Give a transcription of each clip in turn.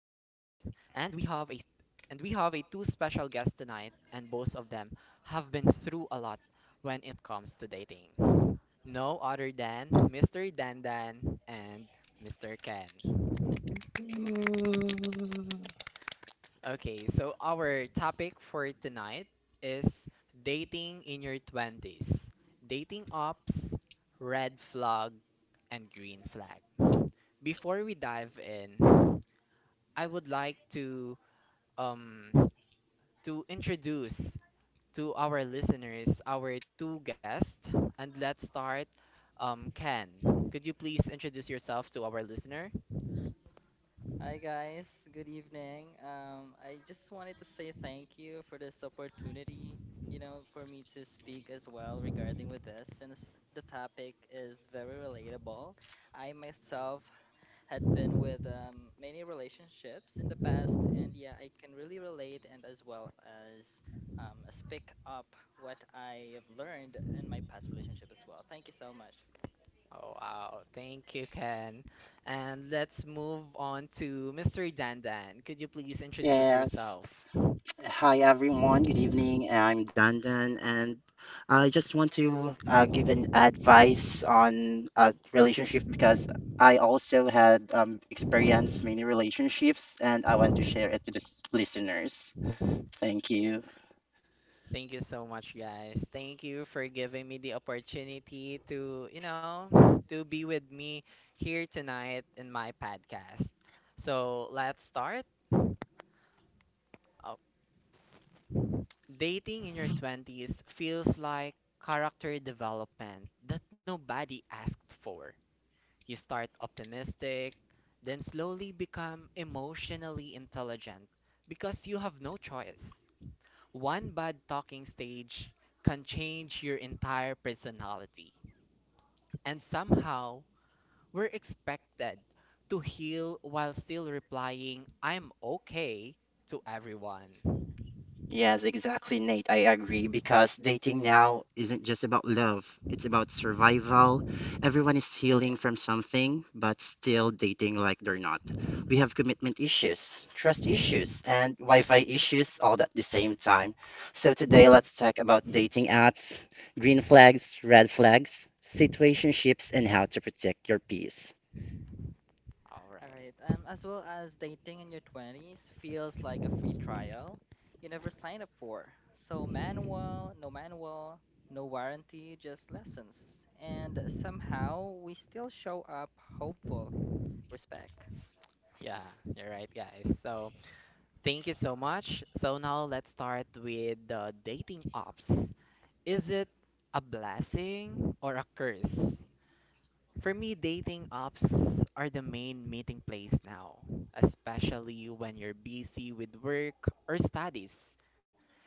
and we have a two special guests tonight, and both of them have been through a lot when it comes to dating. No other than Mr. Dandan and Mr. Ken. Mm, Okay, so our topic for tonight is dating in your 20s, dating ops, red flag, and green flag. Before we dive in, I would like um to introduce to our listeners our two guests, and let's start, Ken. Could you please introduce yourself to our listener? Hi guys, good evening. I just wanted to say thank you for this opportunity, you know, for me to speak as well regarding with this, since the topic is very relatable. I myself had been with many relationships in the past, and yeah, I can really relate and as well as speak up what I have learned in my past relationship as well. Thank you so much. Oh, wow. Thank you, Ken. And let's move on to Mr. Dandan. Could you please introduce Yes. yourself? Hi, everyone. Good evening. I'm Dandan, and I just want to give an advice on a relationship because I also had experienced many relationships, and I want to share it to the listeners. Thank you. Thank you so much, guys. Thank you for giving me the opportunity to be with me here tonight in my podcast. So let's start. Uh, dating in your 20s feels like character development that nobody asked for. You start optimistic, then slowly become emotionally intelligent because you have no choice. One bad talking stage can change your entire personality. And somehow, we're expected to heal while still replying, "I'm okay," to everyone. Yes, exactly, Nate. I agree because dating now isn't just about love, it's about survival. Everyone is healing Yeah. from something, but still dating like they're not. We have commitment issues, trust issues, and Wi-Fi issues all at the same time. So today, All let's talk about dating apps, green flags, red flags, situationships, and how to protect your peace. All right. Right. As well as dating in your 20s feels like a free trial you never signed up for. So, manual, no warranty, just lessons. And somehow we still show up hopeful. Respect. Yeah, you're right, guys. So, thank you so much. So, now let's start with the dating apps. Is it a blessing or a curse? For me, dating apps are the main meeting place now, especially when you're busy with work or studies.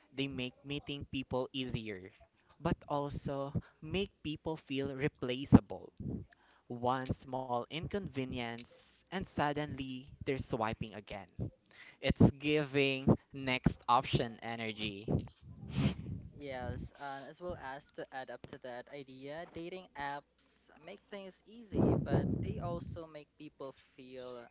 They make meeting people easier, but also make people feel replaceable. One small inconvenience, and suddenly they're swiping again. It's giving next option energy. Yes, and as well as to add up to that idea, dating apps make things easy, but they also make people feel,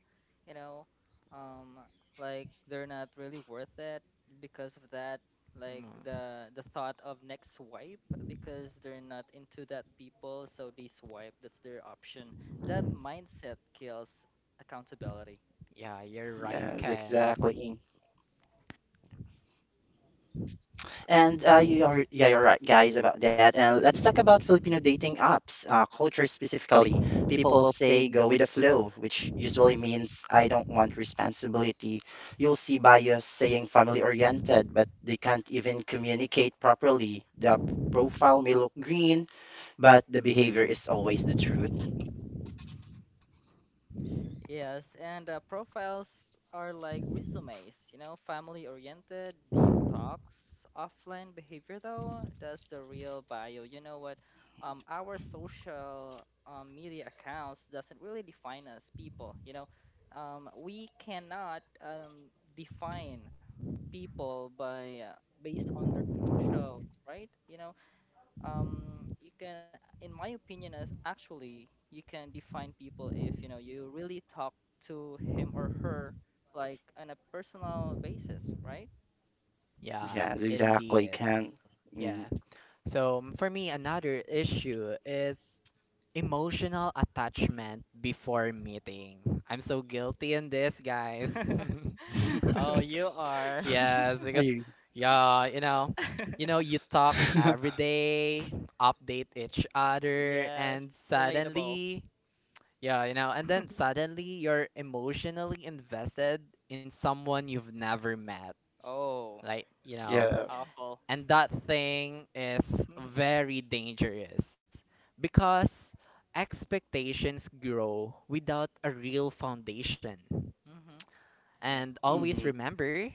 you know, um, like they're not really worth it because of that, like Mm, the thought of next swipe because they're not into that people, so they swipe, that's their option. That mindset kills accountability. yeah, you're right, Yes, Ken. exactly. And you're right, guys, about that. And let's talk about Filipino dating apps, culture specifically. People will say go with the flow, which usually means I don't want responsibility. You'll see bios saying family oriented, but they can't even communicate properly. The profile may look green, but the behavior is always the truth. Yes, and profiles are like resumes, you know, family oriented, deep talks, offline behavior though, that's the real bio. You know what? Our social media accounts doesn't really define us people, you know. We cannot define people by based on their socials, right? You know, you can in my opinion as actually you can define people if you know you really talk to him or her like on a personal basis, right? Yeah, Yes, exactly. indeed. Can. Hmm. Yeah. So for me, another issue is emotional attachment before meeting. I'm so guilty in this, guys. Oh, you are. Yes, Are because you? yeah, you talk every day, update each other, and Yes, relatable. suddenly, yeah, and then suddenly you're emotionally invested in someone you've never met. Oh, Like, Yeah. awful. and that thing is Mm-hmm. very dangerous because expectations grow without a real foundation. Yeah. And always Hmm. remember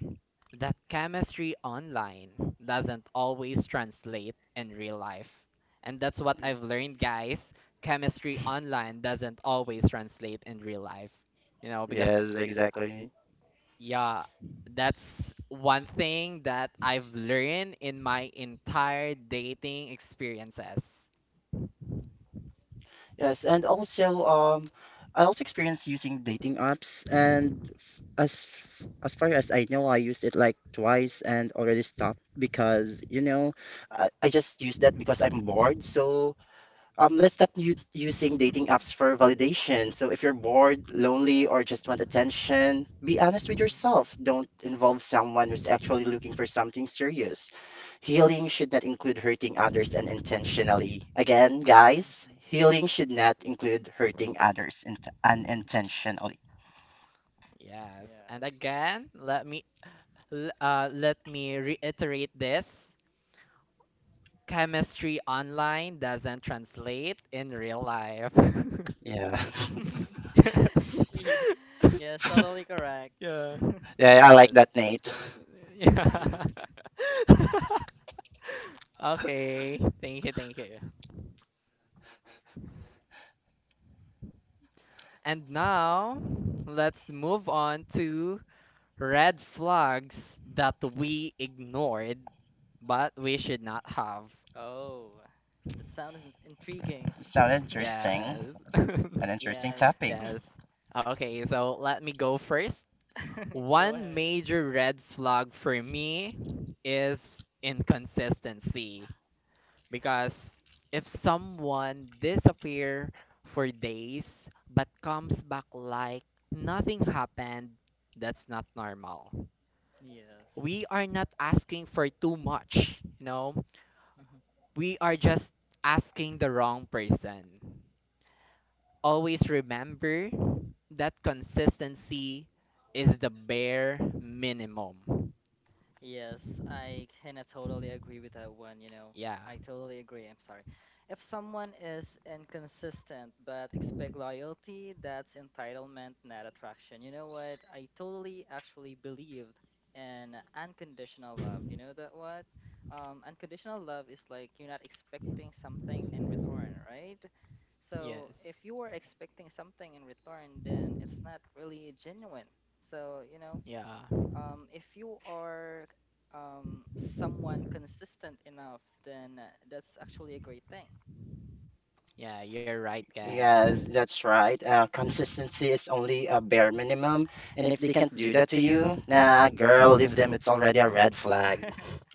that chemistry online doesn't always translate in real life. And that's what I've learned, guys. Chemistry online doesn't always translate in real life. You know, because Yes, exactly. yeah, that's one thing that I've learned in my entire dating experiences. Yes, and also I also experienced using dating apps, and as far as I know, I used it like twice and already stopped because you know I just use that because I'm bored. So let's stop using dating apps for validation. So if you're bored, lonely, Yeah. or just want attention, be honest with Mm, yourself. Don't involve someone who's actually looking for something serious. Healing should not include hurting others unintentionally. Again, guys, Hmm. healing should not include hurting others unintentionally. yes, and Yes. again, let me reiterate this. Chemistry online doesn't translate in real life. Yeah. Yes. Ye-. Yes, totally correct. Yeah. Yeah, I like Yes. that, Nate. Yeah. Okay. Thank you, thank you. And now, let's move on to red flags that we ignored, but we should not have. Oh, the sound is intriguing. It sounds interesting. Yes. An interesting Yes. topic. Yes. Okay, so let me go first. Go ahead. One major red flag for me is inconsistency. Because if someone disappear for days but comes back like nothing happened, that's not normal. Yes. We are not asking for too much, you know? We are just asking the wrong person. Always remember that consistency is the bare minimum. Yes, I can totally agree with that one, you know. Yeah, I totally agree. I'm sorry. If someone is inconsistent but expect loyalty, that's entitlement, not attraction. You know what? I totally actually believed in unconditional love. You know that what? Unconditional love is like you're not expecting something in return, right? So if yes, you are expecting something in return, then it's not really genuine. So, you know, yeah, if you are um, someone consistent enough, then that's actually a great thing. yeah, you're right, Yes, Ken. that's right. Consistency is only a bare minimum, and if they can't do that to you, nah, girl, leave them. It's already a red flag.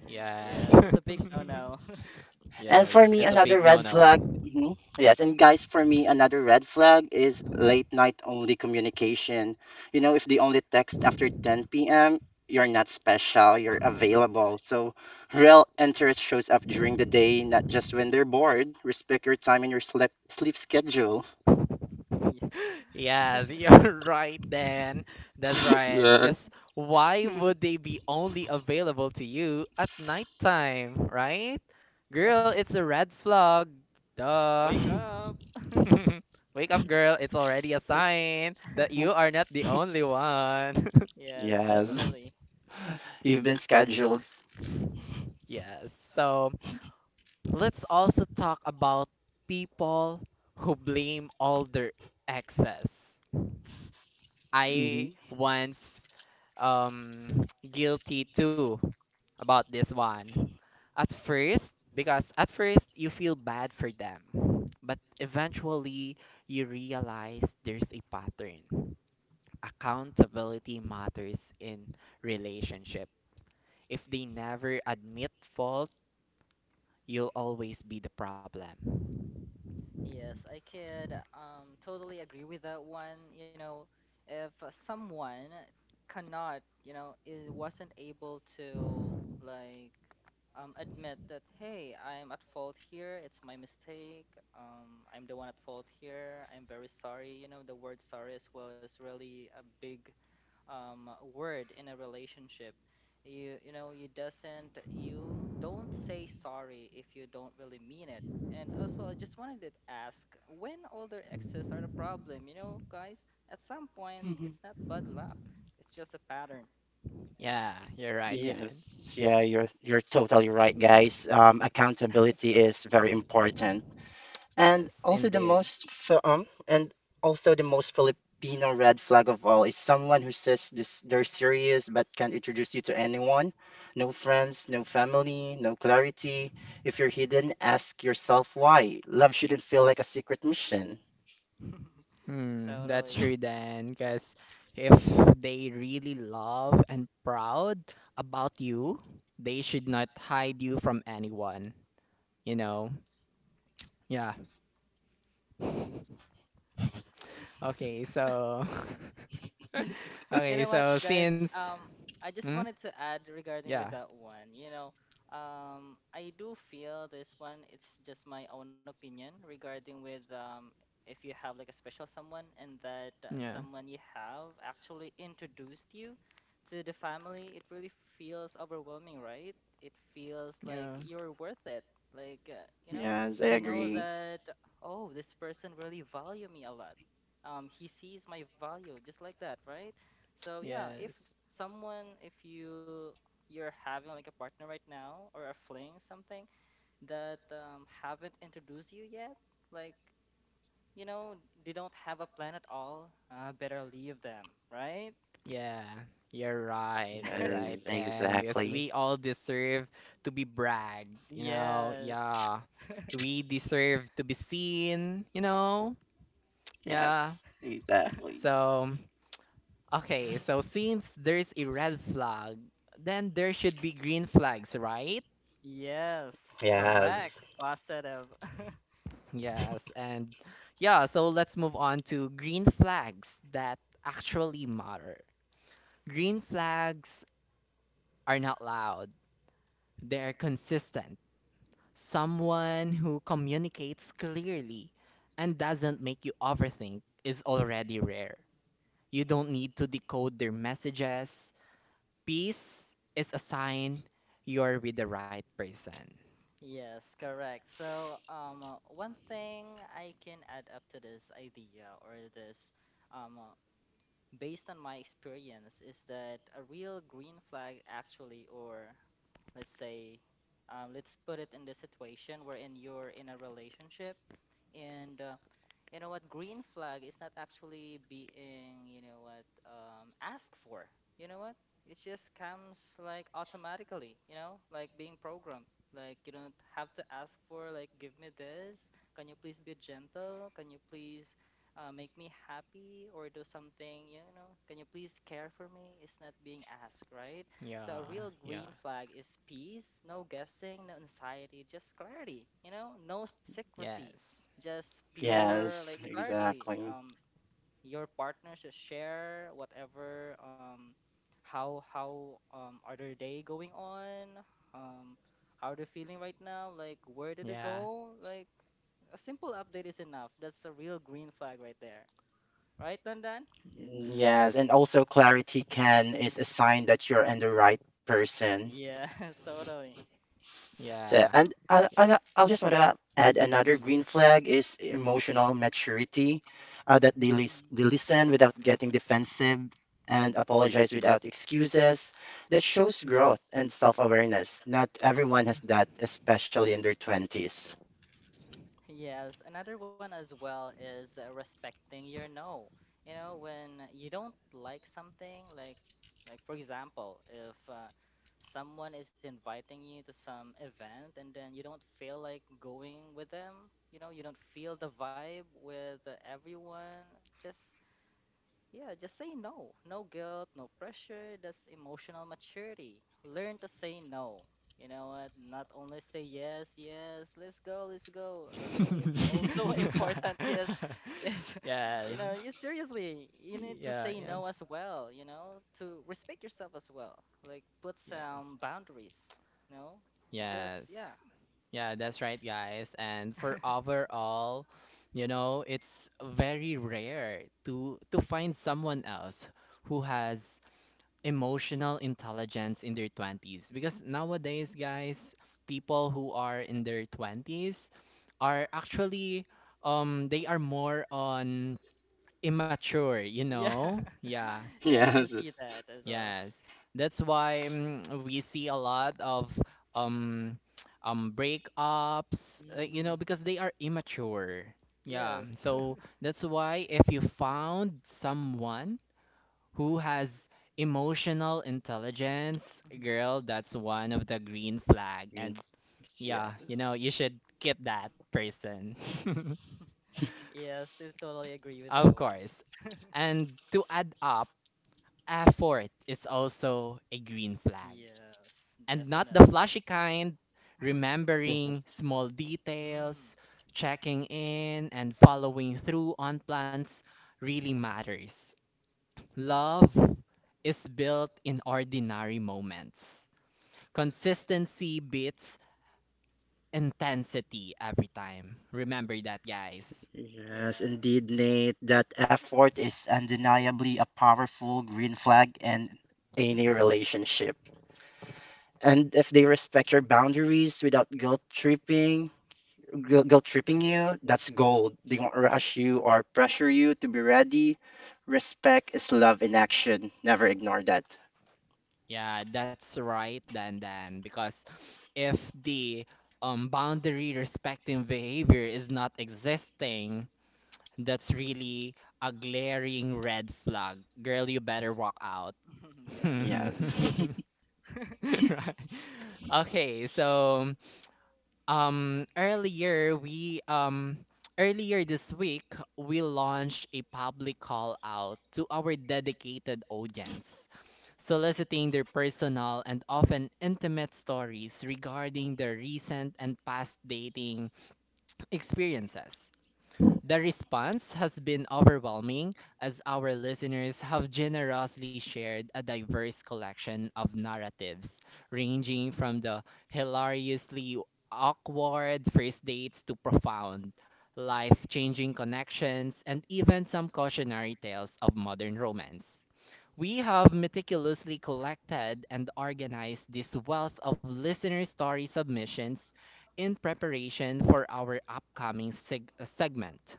Yes, Yes, it's a big no-no. yes, And for it's me, a big another no red flag. no. Mhm. Yes, and guys, for me, another red flag is late night only communication. You know, if they only text after 10 p.m., you're not special, you're Oh my god. available. So, real interest shows up during the day, not just when they're bored. Respect your time and your sleep schedule. Yeah. Yes, you're right, Dan. That's right. Yes. Because why would they be only available to you at nighttime, right? Yeah. Girl, it's a red flag. Duh. Wake up. Wake up, girl. It's already a sign that you are not the only one. Yes, Yes, definitely. you've been scheduled. Yes. So let's also talk about people who blame all their exes. Hmm. I once um guilty too about this one. At first, because at first you feel bad for them, but eventually you realize there's a pattern. Accountability matters in relationship. If they never admit fault, you'll always be the problem. Yes, I could totally agree with that one. You know, if someone cannot, you know, it wasn't able to like admit that hey, I'm at fault here. It's my mistake. I'm the one at fault here. I'm very sorry. You know, the word sorry as well is really a big word in a relationship. You know you doesn't you don't say sorry if you don't really mean it. And also, I just wanted to ask when older exes are the problem. You know, guys, at some point, it's not bad luck. It's just a pattern. Yeah, you're right, Gan. Yes, you're totally right, guys. Accountability is very important, and Yes, also the indeed. Most Filipino red flag of all is someone who says this they're serious but can't introduce you to anyone. No friends, no family, no clarity. If you're hidden, ask yourself why. Love shouldn't feel like a secret mission. Hmm, that's Totally. true then, because if they really love and proud about you, they should not hide you from anyone, you know? Yeah. Okay, so You okay, know what, so guys? since I just hmm? wanted to add regarding with Yeah, that one. You know, I do feel this one. It's just my own opinion regarding with if you have like a special someone and that yeah, someone you have actually introduced you to the family, it really feels overwhelming, right? It feels like yeah, you're worth it. Like Yes, I you know agree. that oh, this person really value me a lot. He sees my value just like that, right? So yeah, if yes. someone, if you you're having like a partner right now or are fling something that haven't introduced you yet, like you know they don't have a plan at all, better leave them, right? Yeah, you're right. You're right, Yes, Ken. Because exactly. we all deserve to be bragged, you know? Yes. Yeah. We deserve to be seen, you know? Yeah. Yes, exactly. So, okay, so since there's a red flag, then there should be green flags, right? Yes, Yes. correct, Yes, positive. Yes. And yeah, so let's move on to green flags that actually matter. Green flags are not loud. They're consistent. Someone who communicates clearly and doesn't make you overthink is already rare. You don't need to decode their messages. Peace is a sign you're with the right person. Yes, correct. So, one thing I can add up to this idea or this um, uh, based on my experience, is that a real green flag actually, or let's say, let's put it in the situation wherein you're in a relationship and you know what, green flag is not actually being, you know what, asked for, you know what, it just comes like automatically, you know, like being programmed, like you don't have to ask for, like give me this, can you please be gentle, can you please make me happy or do something, you know, can you please care for me, it's not being asked, right? Yeah, So a real green yeah, flag is peace, no guessing, no anxiety, just clarity, you know, no secrecy, yes, just pure like yes, clarity. exactly. Your partner should share whatever, how are their day going on, um how are they feeling right now, like where did it yeah, go, like a simple update is enough, that's a real green flag right there, right Dandan? Mm. Yes, and also clarity can is a sign that you're in the right person. Yes. Totally. So, yeah, and yeah. I'll just want to add another green flag is emotional maturity, that they Mm-hmm. listen without getting defensive and apologize without excuses. That shows growth and self-awareness. Not everyone has that, especially in their 20s. Yes, another one as well is respecting your no. You know, when you don't like something, like for example, if someone is inviting you to some event and then you don't feel like going with them, you know, you don't feel the vibe with everyone, just yeah, just say no. No guilt, no pressure. That's emotional maturity. Learn to say no. You know what? Not only say yes, yes, let's go, let's go. Actually, it's also important. Yes, yes. Yes, You know, you seriously, you need to yeah, say yeah, no as well, you know, to respect yourself as well. Like, put yes. some boundaries, you know? Just, Yes. yeah. Yeah, that's right, guys. And for overall, it's very rare to find someone else who has emotional intelligence in their 20s because nowadays, guys, people who are in their 20s are actually they are more on immature, you Yeah. know? Yeah, Yeah, I Yes, can see that as well. yes, that's why we see a lot of um breakups, Mm, because they are immature. Yeah, yes. so that's why if you found someone who has emotional intelligence, Mhm. girl, that's one of the green flag. green And flags, yeah, yes. You should keep that person. Yes, I totally agree with Of that one. course. And to add up, effort is also a green flag. Yes, And not the definitely. flashy kind, remembering Yes, small details, Mm. checking in, and Hmm. following through on plans really matters. Love is built in ordinary moments. Consistency beats intensity every time. Remember that, guys. yes, Yes. indeed, Nate. That effort is undeniably a powerful green flag in any relationship. And if they respect your boundaries without guilt tripping you, that's gold. They won't rush you or pressure you to be ready. Respect is love in action. Never ignore that. Yeah, that's right, Dan Dan. Because if the boundary respecting behavior is not existing, that's really a glaring red flag. Girl, you better walk out. Yes. Yes. Right. Okay, so um earlier we um earlier this week we launched a public call out to our dedicated audience, soliciting their personal and often intimate stories regarding their recent and past dating experiences. The response has been overwhelming as our listeners have generously shared a diverse collection of narratives, ranging from the hilariously awkward first dates to profound, life changing connections, and even some cautionary tales of modern romance. We have meticulously collected and organized this wealth of listener story submissions in preparation for our upcoming segment,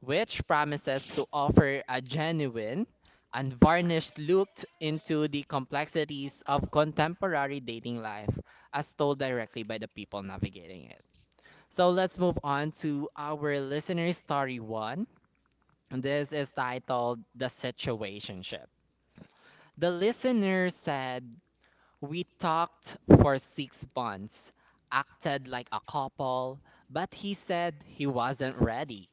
which promises to offer a genuine, unvarnished look into the complexities of contemporary dating life as told directly by the people navigating it. So let's move on to our listener story one. And this is titled "The Situationship." The listener said, "We talked for 6 months, acted like a couple, but he said he wasn't ready."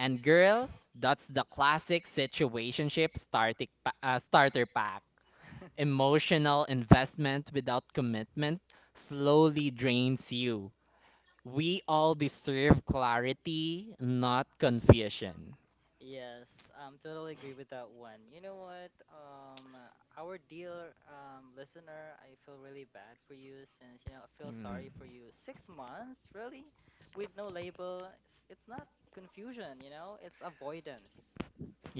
And girl, that's the classic situationship starter pack. Emotional investment without commitment slowly drains you. We all deserve clarity, not confusion. Yes, totally agree with that one. You know what? Our dear listener, I feel really bad for you since you know I feel Mm. sorry for you. 6 months, really, with no label. It's not confusion, you know. It's avoidance.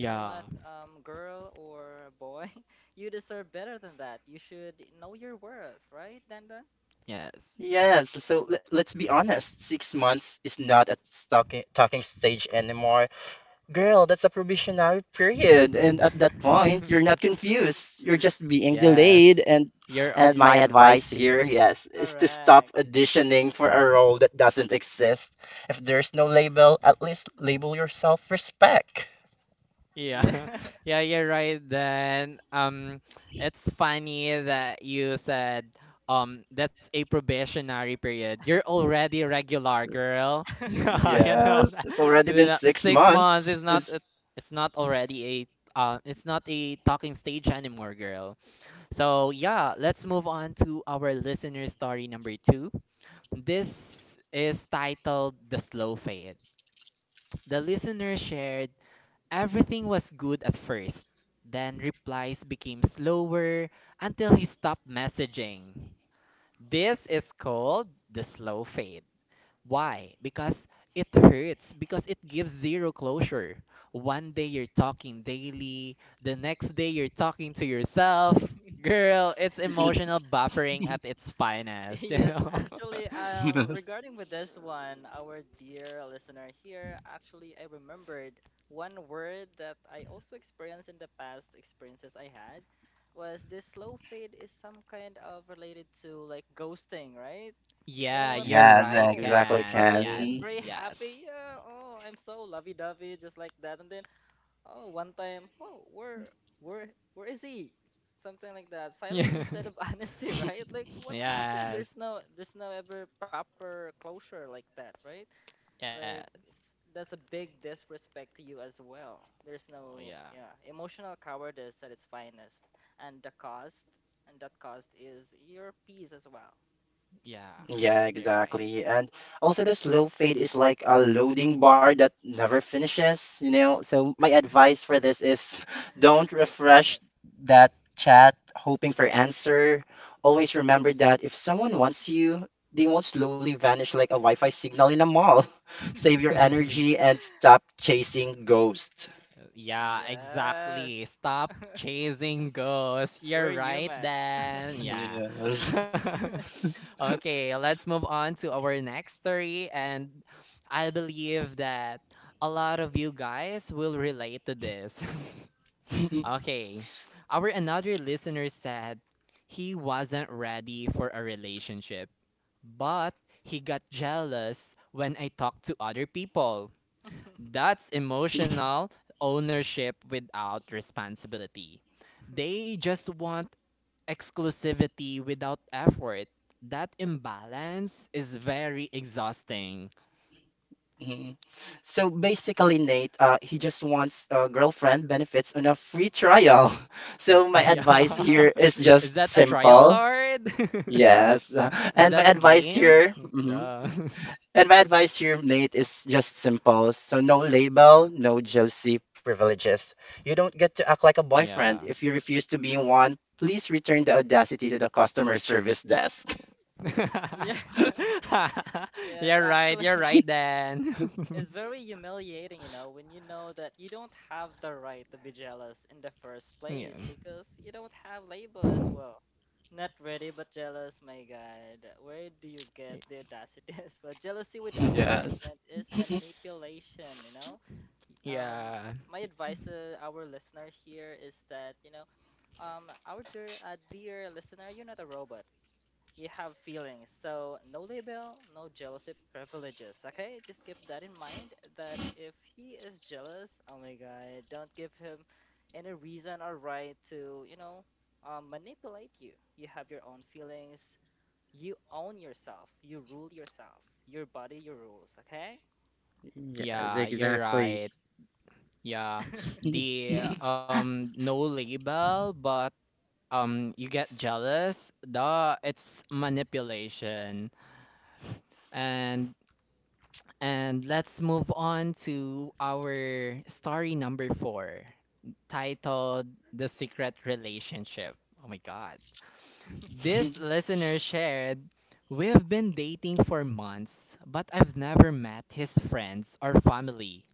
You know what? Girl or boy, you deserve better than that. You should know your worth, right, Dandan? yes. Yes, so let's be honest, 6 months is not a talking stage anymore. Girl, that's a probationary period, and at that point, you're not confused. You're just being Yes. delayed, and You're my Yeah, advice here, yes, is to stop correct. auditioning for a role that doesn't exist. If there's no label, at least label yourself respect. Yeah, Yeah. yeah, you're right. Then, it's funny that you said, that's a probationary period. You're already regular, girl. Yeah, you know Yes, it's that. already been You know, six six months. months is not. It's It's not already a. It's not a talking stage anymore, girl. So yeah, let's move on to our listener story number two. This is titled "The Slow Fade." The listener shared, "Everything was good at first, then replies became slower until he stopped messaging." This is called the slow fade. Why? Because it hurts, because it gives zero closure. One day you're talking daily, the next day you're talking to yourself. Yeah. Girl, it's emotional buffering at its finest, you Yes, know? actually, regarding with this one, our dear listener here, actually, I remembered one word that I also experienced in the past experiences I had was this slow fade is some kind of related to like ghosting, right? You know yeah, what, you're like, yes, right, oh, exactly, Ken. first Yeah, it's Ken. very yes. happy, yeah, oh, I'm so lovey-dovey, just like that, and then oh one time oh where where is he, something like that, silence instead of honesty, right? Like what happened? Yeah. Yes. There's no ever proper closure like that, right? Yeah. Like s-, that's a big disrespect to you as well. There's Oh no, yeah. yeah, emotional cowardice at its finest. And the cost, and that cost is your peace as well. Yeah. Yeah, You're right. exactly. And also the slow fade is like a loading bar that never finishes, you know. So my advice for this is don't My refresh goodness. that chat hoping for answer. Always remember that if someone wants you, they won't slowly vanish like a Wi-Fi signal in a mall. Save your energy and stop chasing ghosts. Yeah, Yes, exactly. Stop chasing ghosts. we're You're right human. then. Yeah. Okay, let's move on to our next story, and I believe that a lot of you guys will relate to this. Okay. Our another listener said he wasn't ready for a relationship. But he got jealous when I talked to other people. That's Yes. emotional ownership without responsibility. They just want exclusivity without effort. That imbalance is very exhausting. So basically, Nate, he just wants a girlfriend benefits on a free trial. So my advice Yeah. here is Is just that a trial simple. card? Yes. Is And my that a advice game? here, mhm. Yeah. And my advice here, Nate, is just simple. So no label, no jealousy privileges. You don't get to act like a Yeah. boyfriend. If you refuse to be one, please return the audacity to the customer service desk. Yeah. Yes, You're right. actually, You're right, then. it's very humiliating, you know, when you know that you don't have the right to be jealous in the first Yeah. place because you don't have label as well. Not ready but jealous, my God. Where do you get the audacity as well? Jealousy without Yes. commitment is manipulation, you know? Y- Um, Yeah, my advice to our listener here is that, you know, our dear, dear listener, you're not a robot, you have feelings. So no label, no jealousy privileges. Okay, just keep that in mind. That if he is jealous, oh my god, don't give him any reason or right to, you know, manipulate you. You have your own feelings. You own yourself. You rule yourself. Your body, your rules. Okay. Yes, yeah, you're exactly. right. Yeah. Mm, The no label, but you get jealous. Duh, it's manipulation. And and let's move on to our story number four, titled "The Secret Relationship." Oh my God. This listener shared, "We've been dating for months, but I've never met his friends or family."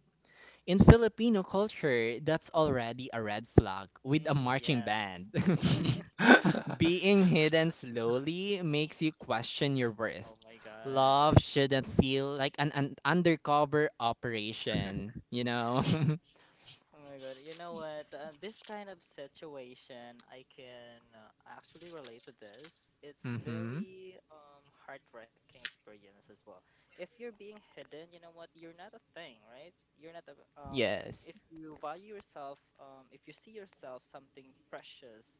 In Filipino culture, that's already a red flag with a marching yes. band. Being hidden slowly makes you question your worth. Oh my god. Love shouldn't feel like an undercover operation, you know? Oh my God. You know what? This kind of situation, I can actually relate to this. It's Mm-hmm. very heart-wrenching experience as well. If you're being hidden, you know what? You're not a thing, right? You're not a Yes, if you value yourself, if you see yourself something precious,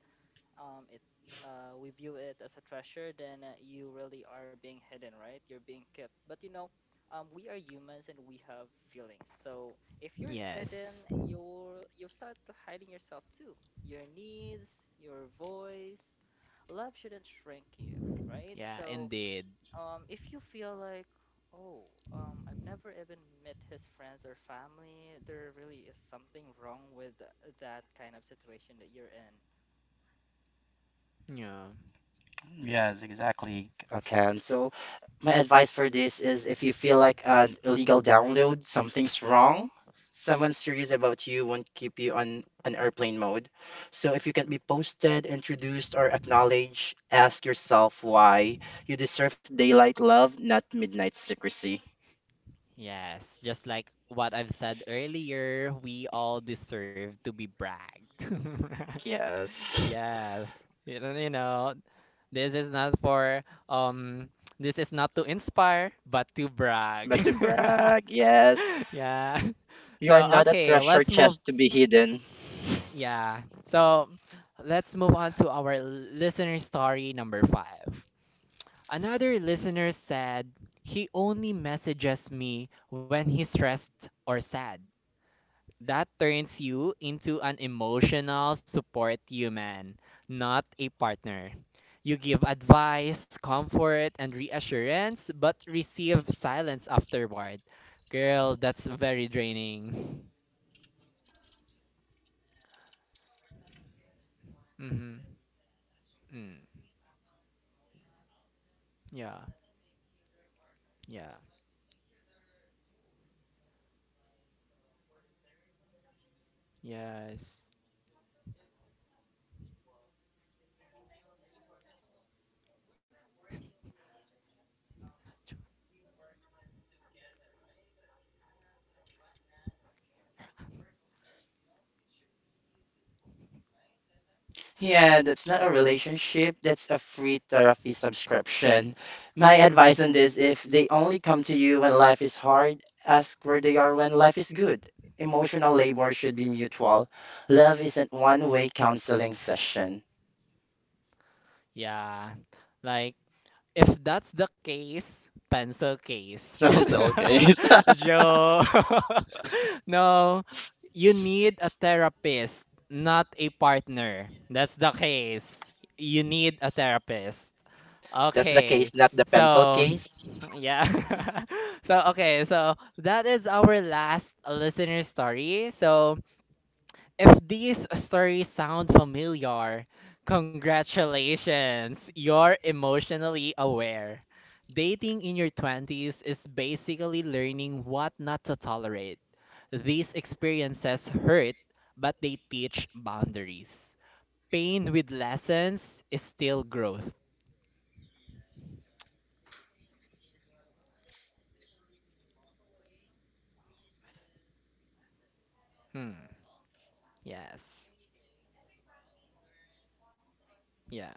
it we view it as a treasure, then you really are being hidden, right? You're being kept. But you know, we are humans and we have feelings. So if you're hidden, yes. you'll start to hiding yourself too. Your needs, your voice. Love shouldn't shrink you, right? Yeah, So indeed. If you feel like, oh, I've never even met his friends or family, there really is something wrong with that kind of situation that you're in. Yeah. Yes, exactly, Ken. So, my advice for this is if you feel like an illegal download, something's wrong, someone serious about you won't keep you on an airplane mode. So, if you can be posted, introduced, or acknowledged, ask yourself why. You deserve daylight love, not midnight secrecy. Yes, just like what I've said earlier, we all deserve to be bragged. Yes. Yes. You know, you know, This is not for um this is not to inspire but to brag. But to brag, yes. Yeah. You are So not a okay, treasure let's move chest to be hidden. y- yeah. So let's move on to our listener story number 5. Another listener said he only messages me when he's stressed or sad. That turns you into an emotional support human, not a partner. You give advice, comfort, and reassurance, but receive silence afterward. Girl, that's very draining. Mm-hmm. Mm. Yeah, yeah, yes. Yeah, that's not a relationship. That's a free therapy subscription. My advice on this, if they only come to you when life is hard, ask where they are when life is good. Emotional labor should be mutual. Love isn't one-way counseling session. Yeah, like if that's the case, pencil case. Sounds okay. Joe. No, you need a therapist, not a partner. That's the case. You need a therapist. That's the case, Okay. not the So, pencil case. yeah. so, okay. So, that is our last listener story. So, if these stories sound familiar, congratulations, you're emotionally aware. Dating in your 20s is basically learning what not to tolerate. These experiences hurt, but they teach boundaries. Pain with lessons is still growth. Hmm. Yes. Yeah.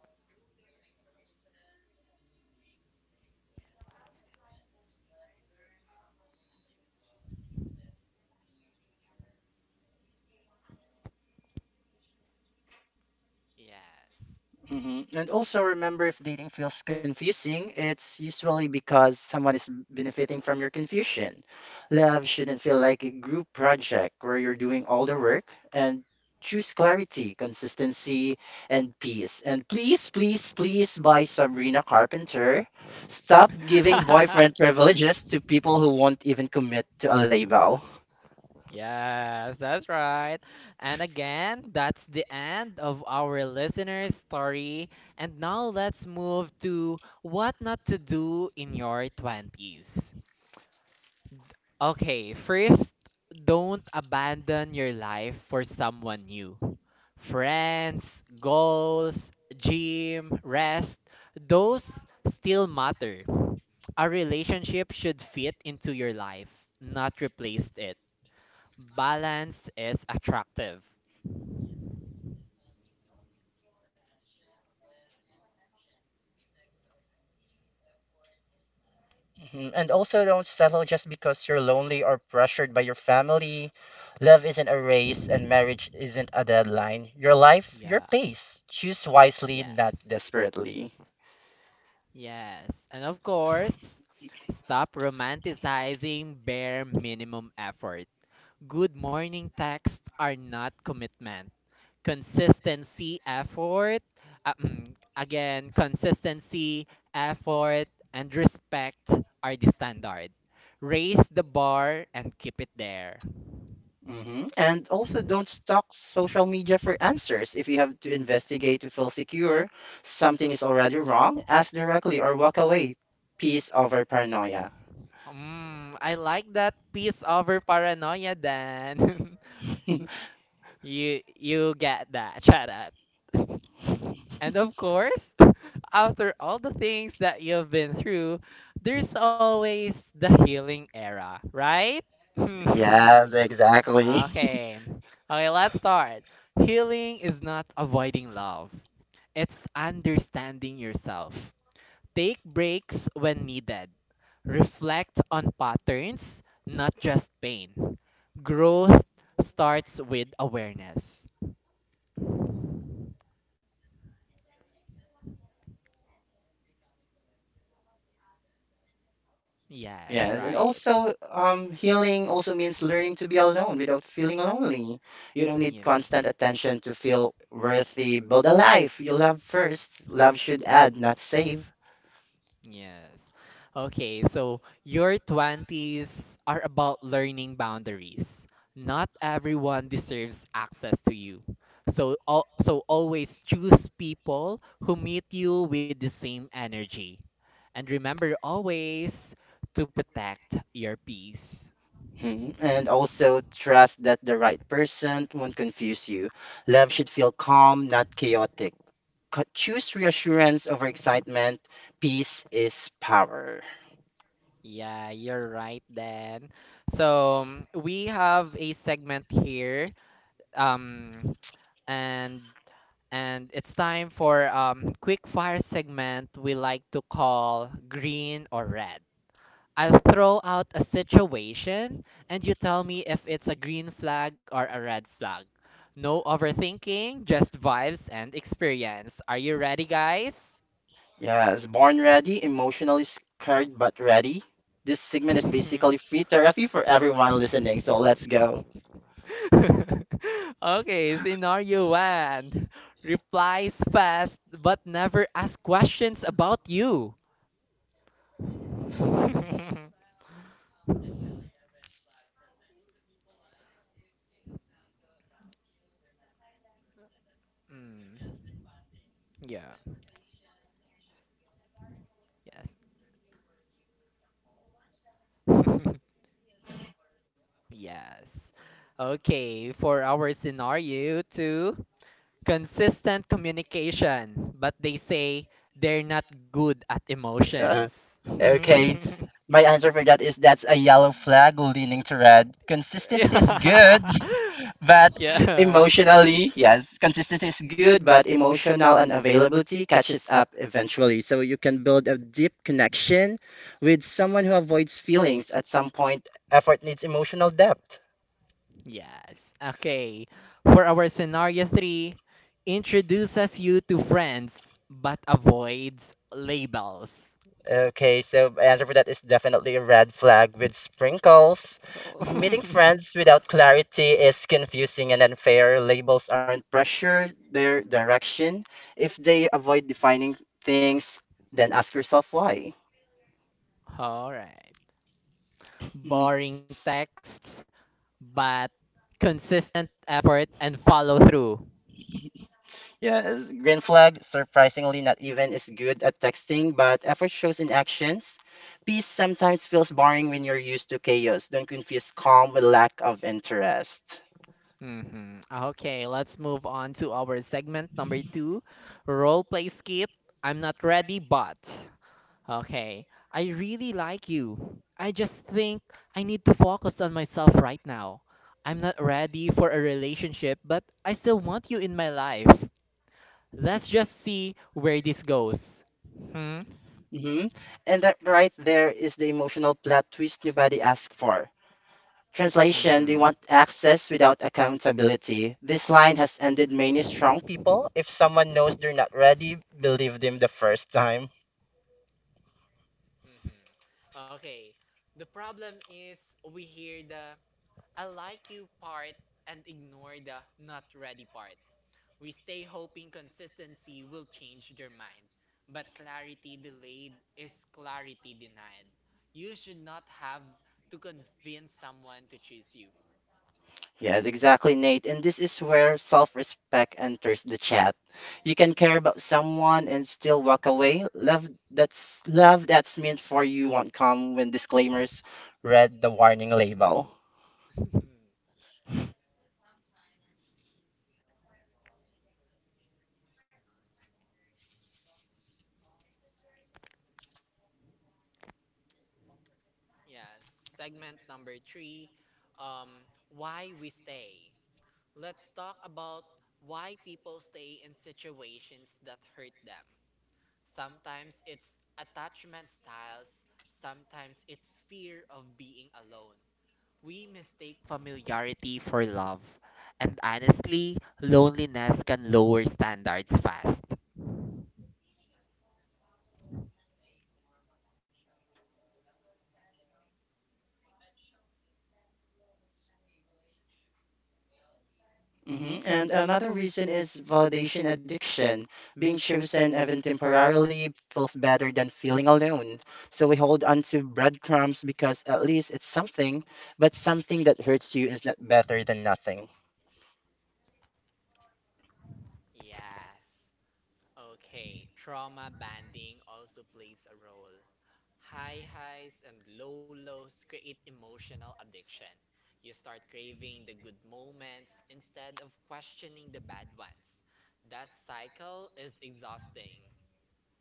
Yes. Hmm. And also remember if dating feels confusing, it's usually because someone is benefiting from your confusion. Love shouldn't feel like a group project where you're doing all the work and choose clarity, consistency, and peace. And please, please, please by Sabrina Carpenter, stop giving boyfriend privileges to people who won't even commit to a label. Yes, that's right. And again, that's the end of our listener's story. And now let's move to what not to do in your 20s. Okay, first, don't abandon your life for someone new. Friends, goals, gym, rest, those still matter. A relationship should fit into your life, not replace it, balance is attractive. Mhm. And also, don't settle just because you're lonely or pressured by your family. Love isn't a race, and marriage isn't a deadline. Your life, your Yeah, pace. Choose wisely, not yes, desperately. yes. And of course, stop romanticizing bare minimum effort. Good morning texts are not commitment. Consistency, effort, consistency, effort, and respect are the standard. Raise the bar and keep it there. Hmm. And also, don't stalk social media for answers. If you have to Yes. investigate to feel secure, something is already wrong, ask directly or walk away. Peace over paranoia. Mm, I like that peace over paranoia then. You get that. Shut up. And of course, after all the things that you've been through, there's always the healing era, right? Yes, exactly. Okay. Okay, let's start. Healing is not avoiding love. It's understanding yourself. Take breaks when needed. Reflect on patterns, not just pain. Growth starts with awareness. Yes, Yes, and right. also healing also means learning to be alone without feeling lonely. You don't need Yun. constant attention to feel worthy. Build a life you love first. Love should add, not save. Yes. Okay, so your 20s are about learning boundaries. Not everyone deserves access to you. So al so always choose people who meet you with the same energy. And remember always to protect your peace. Mhm. And also trust that the right person won't confuse you. Love should feel calm, not chaotic. Choose reassurance over excitement. Peace is power. Yeah, you're right then. So we have a segment here um and and it's time for quick fire segment we like to call green or red. I'll throw out a situation and you tell me if it's a green flag or a red flag. No overthinking, just vibes and experience. Are you ready, guys? Yes, born Yes. ready, emotionally scared but ready. This segment is basically free therapy for everyone listening, so yeah, let's go. Okay, scenario 1. Replies fast but never ask questions about you. mm, yeah. Yes. yes. Okay, for our scenario 2, consistent communication, but they say they're not good at emotions. Uh, okay, my answer for that is that's a yellow flag leaning to red. Consistency is good, Yeah. but yes. emotionally, yes, consistency is good, but emotional unavailability catches up eventually. So you can build a deep connection with someone who avoids feelings. At some point, effort needs emotional depth. Yes. Okay. For our scenario 3, introduces you to friends but avoids labels. Okay, so my answer for that is definitely a red flag with sprinkles. Cool. Meeting friends without clarity is confusing and unfair. Labels aren't pressure, they're direction. If they avoid defining things, then ask yourself why. Alright. Mm. Boring texts, but consistent effort and follow through. Yes, green flag, surprisingly, not even is good at texting, but effort shows in actions. Peace sometimes feels boring when you're used to chaos. Don't confuse calm with lack of interest. Hmm. Okay, let's move on to our segment number 2, role play skip. I'm not ready, but. Okay, I really like you. I just think I need to focus on myself right now. I'm not ready for a relationship, but I still want you in my life. Let's just see where this goes. Hmm? Hmm. And that right there is the emotional plot twist nobody asked for. Translation, they Hmm. want access without accountability. This line has ended many strong people. If someone knows they're not ready, believe them the first time. Mhm. Okay. The problem is we hear the I like you part and ignore the not ready part. We stay hoping consistency will change their mind. But clarity delayed is clarity denied. You should not have to convince someone to choose you. Yes, exactly, Nate. And this is where self-respect enters the chat. You can care about someone and still walk away. Love that's meant for you won't come when disclaimers read the warning label. yeah, segment number 3, um, why we stay. Let's talk about why people stay in situations that hurt them. Sometimes it's attachment styles, sometimes it's fear of being alone. We mistake familiarity for love, and honestly, loneliness can lower standards fast. Hmm. And another reason is validation addiction. Being chosen, even temporarily, feels better than feeling alone. So we hold on to breadcrumbs because at least it's something, but something that hurts you is not better than nothing. Yes. Okay, trauma banding also plays a role. High highs and low lows create emotional addiction. You start craving the good moments instead of questioning the bad ones. That cycle is exhausting.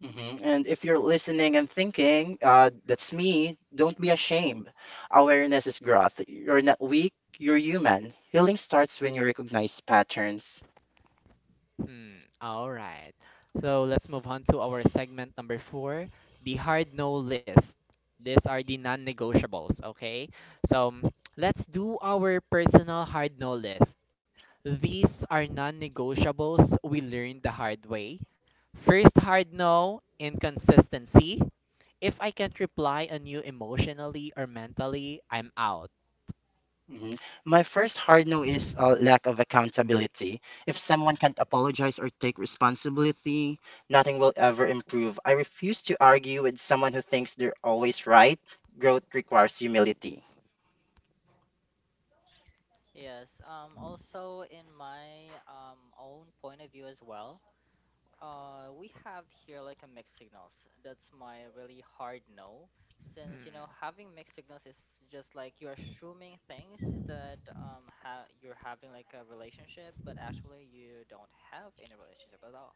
Hmm. And if you're listening and thinking, that's me, don't be ashamed. Awareness is growth. You're not weak, you're human. Healing starts when you recognize patterns. Hmm. all right. So let's move on to our segment number 4, the hard no list. These are the non-negotiables, okay? So, let's do our personal hard no list. These are non-negotiables we learned the hard way. First hard no, inconsistency. If I can't reply on you emotionally or mentally, I'm out. Mhm. My first hard no is lack of accountability. If someone can't apologize or take responsibility, nothing will ever improve. I refuse to argue with someone who thinks they're always right. Growth requires humility. Yes, also in my own point of view as well, we have here like a mixed signals. That's my really hard no, since you know Hmm. having mixed signals is just like you're assuming things that ha you're having like a relationship, but actually you don't have any relationship at all.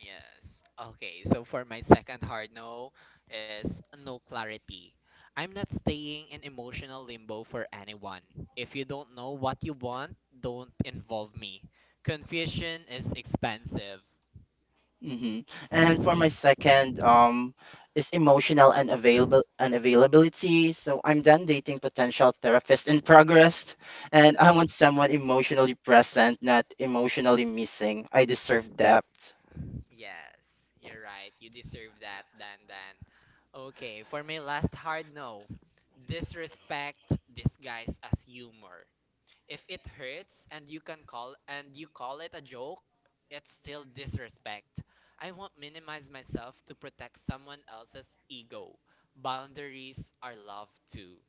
Yes. Okay, so for my second hard no is no clarity. I'm not staying in emotional limbo for anyone. If you don't know what you want, don't involve me. Confusion is expensive. Hmm. And for my second, is emotional and available unavailability. So I'm done dating potential therapist in progress, and I want someone emotionally present, not emotionally missing. I deserve depth. Yes, you're right. You deserve that, Dan Dan. Okay, for my last hard no, disrespect disguised as humor. If it hurts and you call it a joke, it's still disrespect. I won't minimize myself to protect someone else's ego. Boundaries are love too.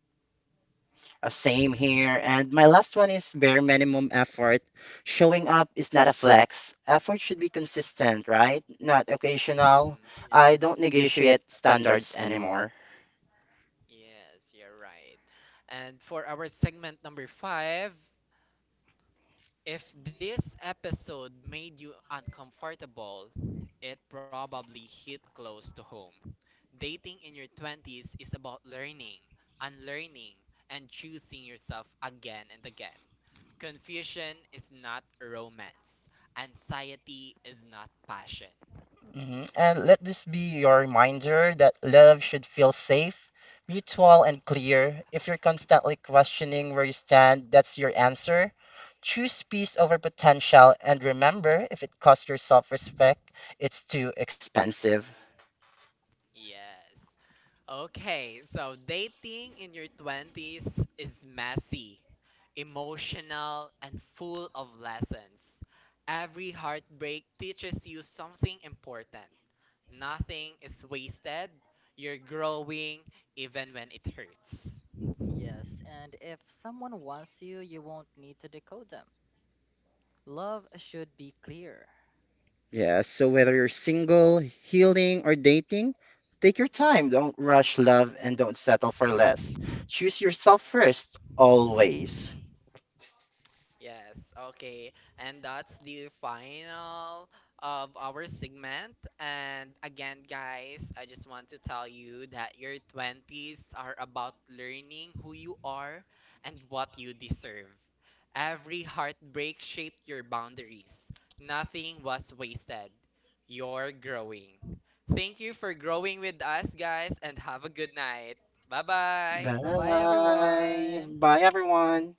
Same here. And my last one is bare minimum effort. Showing up is not a flex. Effort should be consistent, right? Not occasional. Mhm. I don't Yes. Yes. negotiate Correct. standards anymore. Yes, you're right. And for our segment number 5, if this episode made you uncomfortable, it probably hit close to home. Dating in your 20s is about learning, unlearning, and choosing yourself again and again. Confusion is not romance, anxiety is not passion. Hmm. And let this be your reminder that love should feel safe, mutual, and clear. If you're constantly questioning where you stand, that's your answer. Choose peace over potential, and remember, if it costs your self-respect, it's too expensive. Yes. Okay, so dating in your 20s is messy, emotional, and full of lessons. Every heartbreak teaches you something important. Nothing is wasted. You're growing even when it hurts. Yes, and if someone wants you, you won't need to decode them. Love should be clear. Yeah, so whether you're single, healing, or dating, take your time. Don't rush love and don't settle for less. Choose yourself first, always. Yes, okay. And that's the final of our segment. And again, guys, I just want to tell you that your 20s are about learning who you are and what you deserve. Every heartbreak shaped your boundaries. Nothing was wasted. You're growing. Thank you for growing with us, guys, and have a good night. Bye Bye bye, bye. Bye. everyone. Bye, everyone.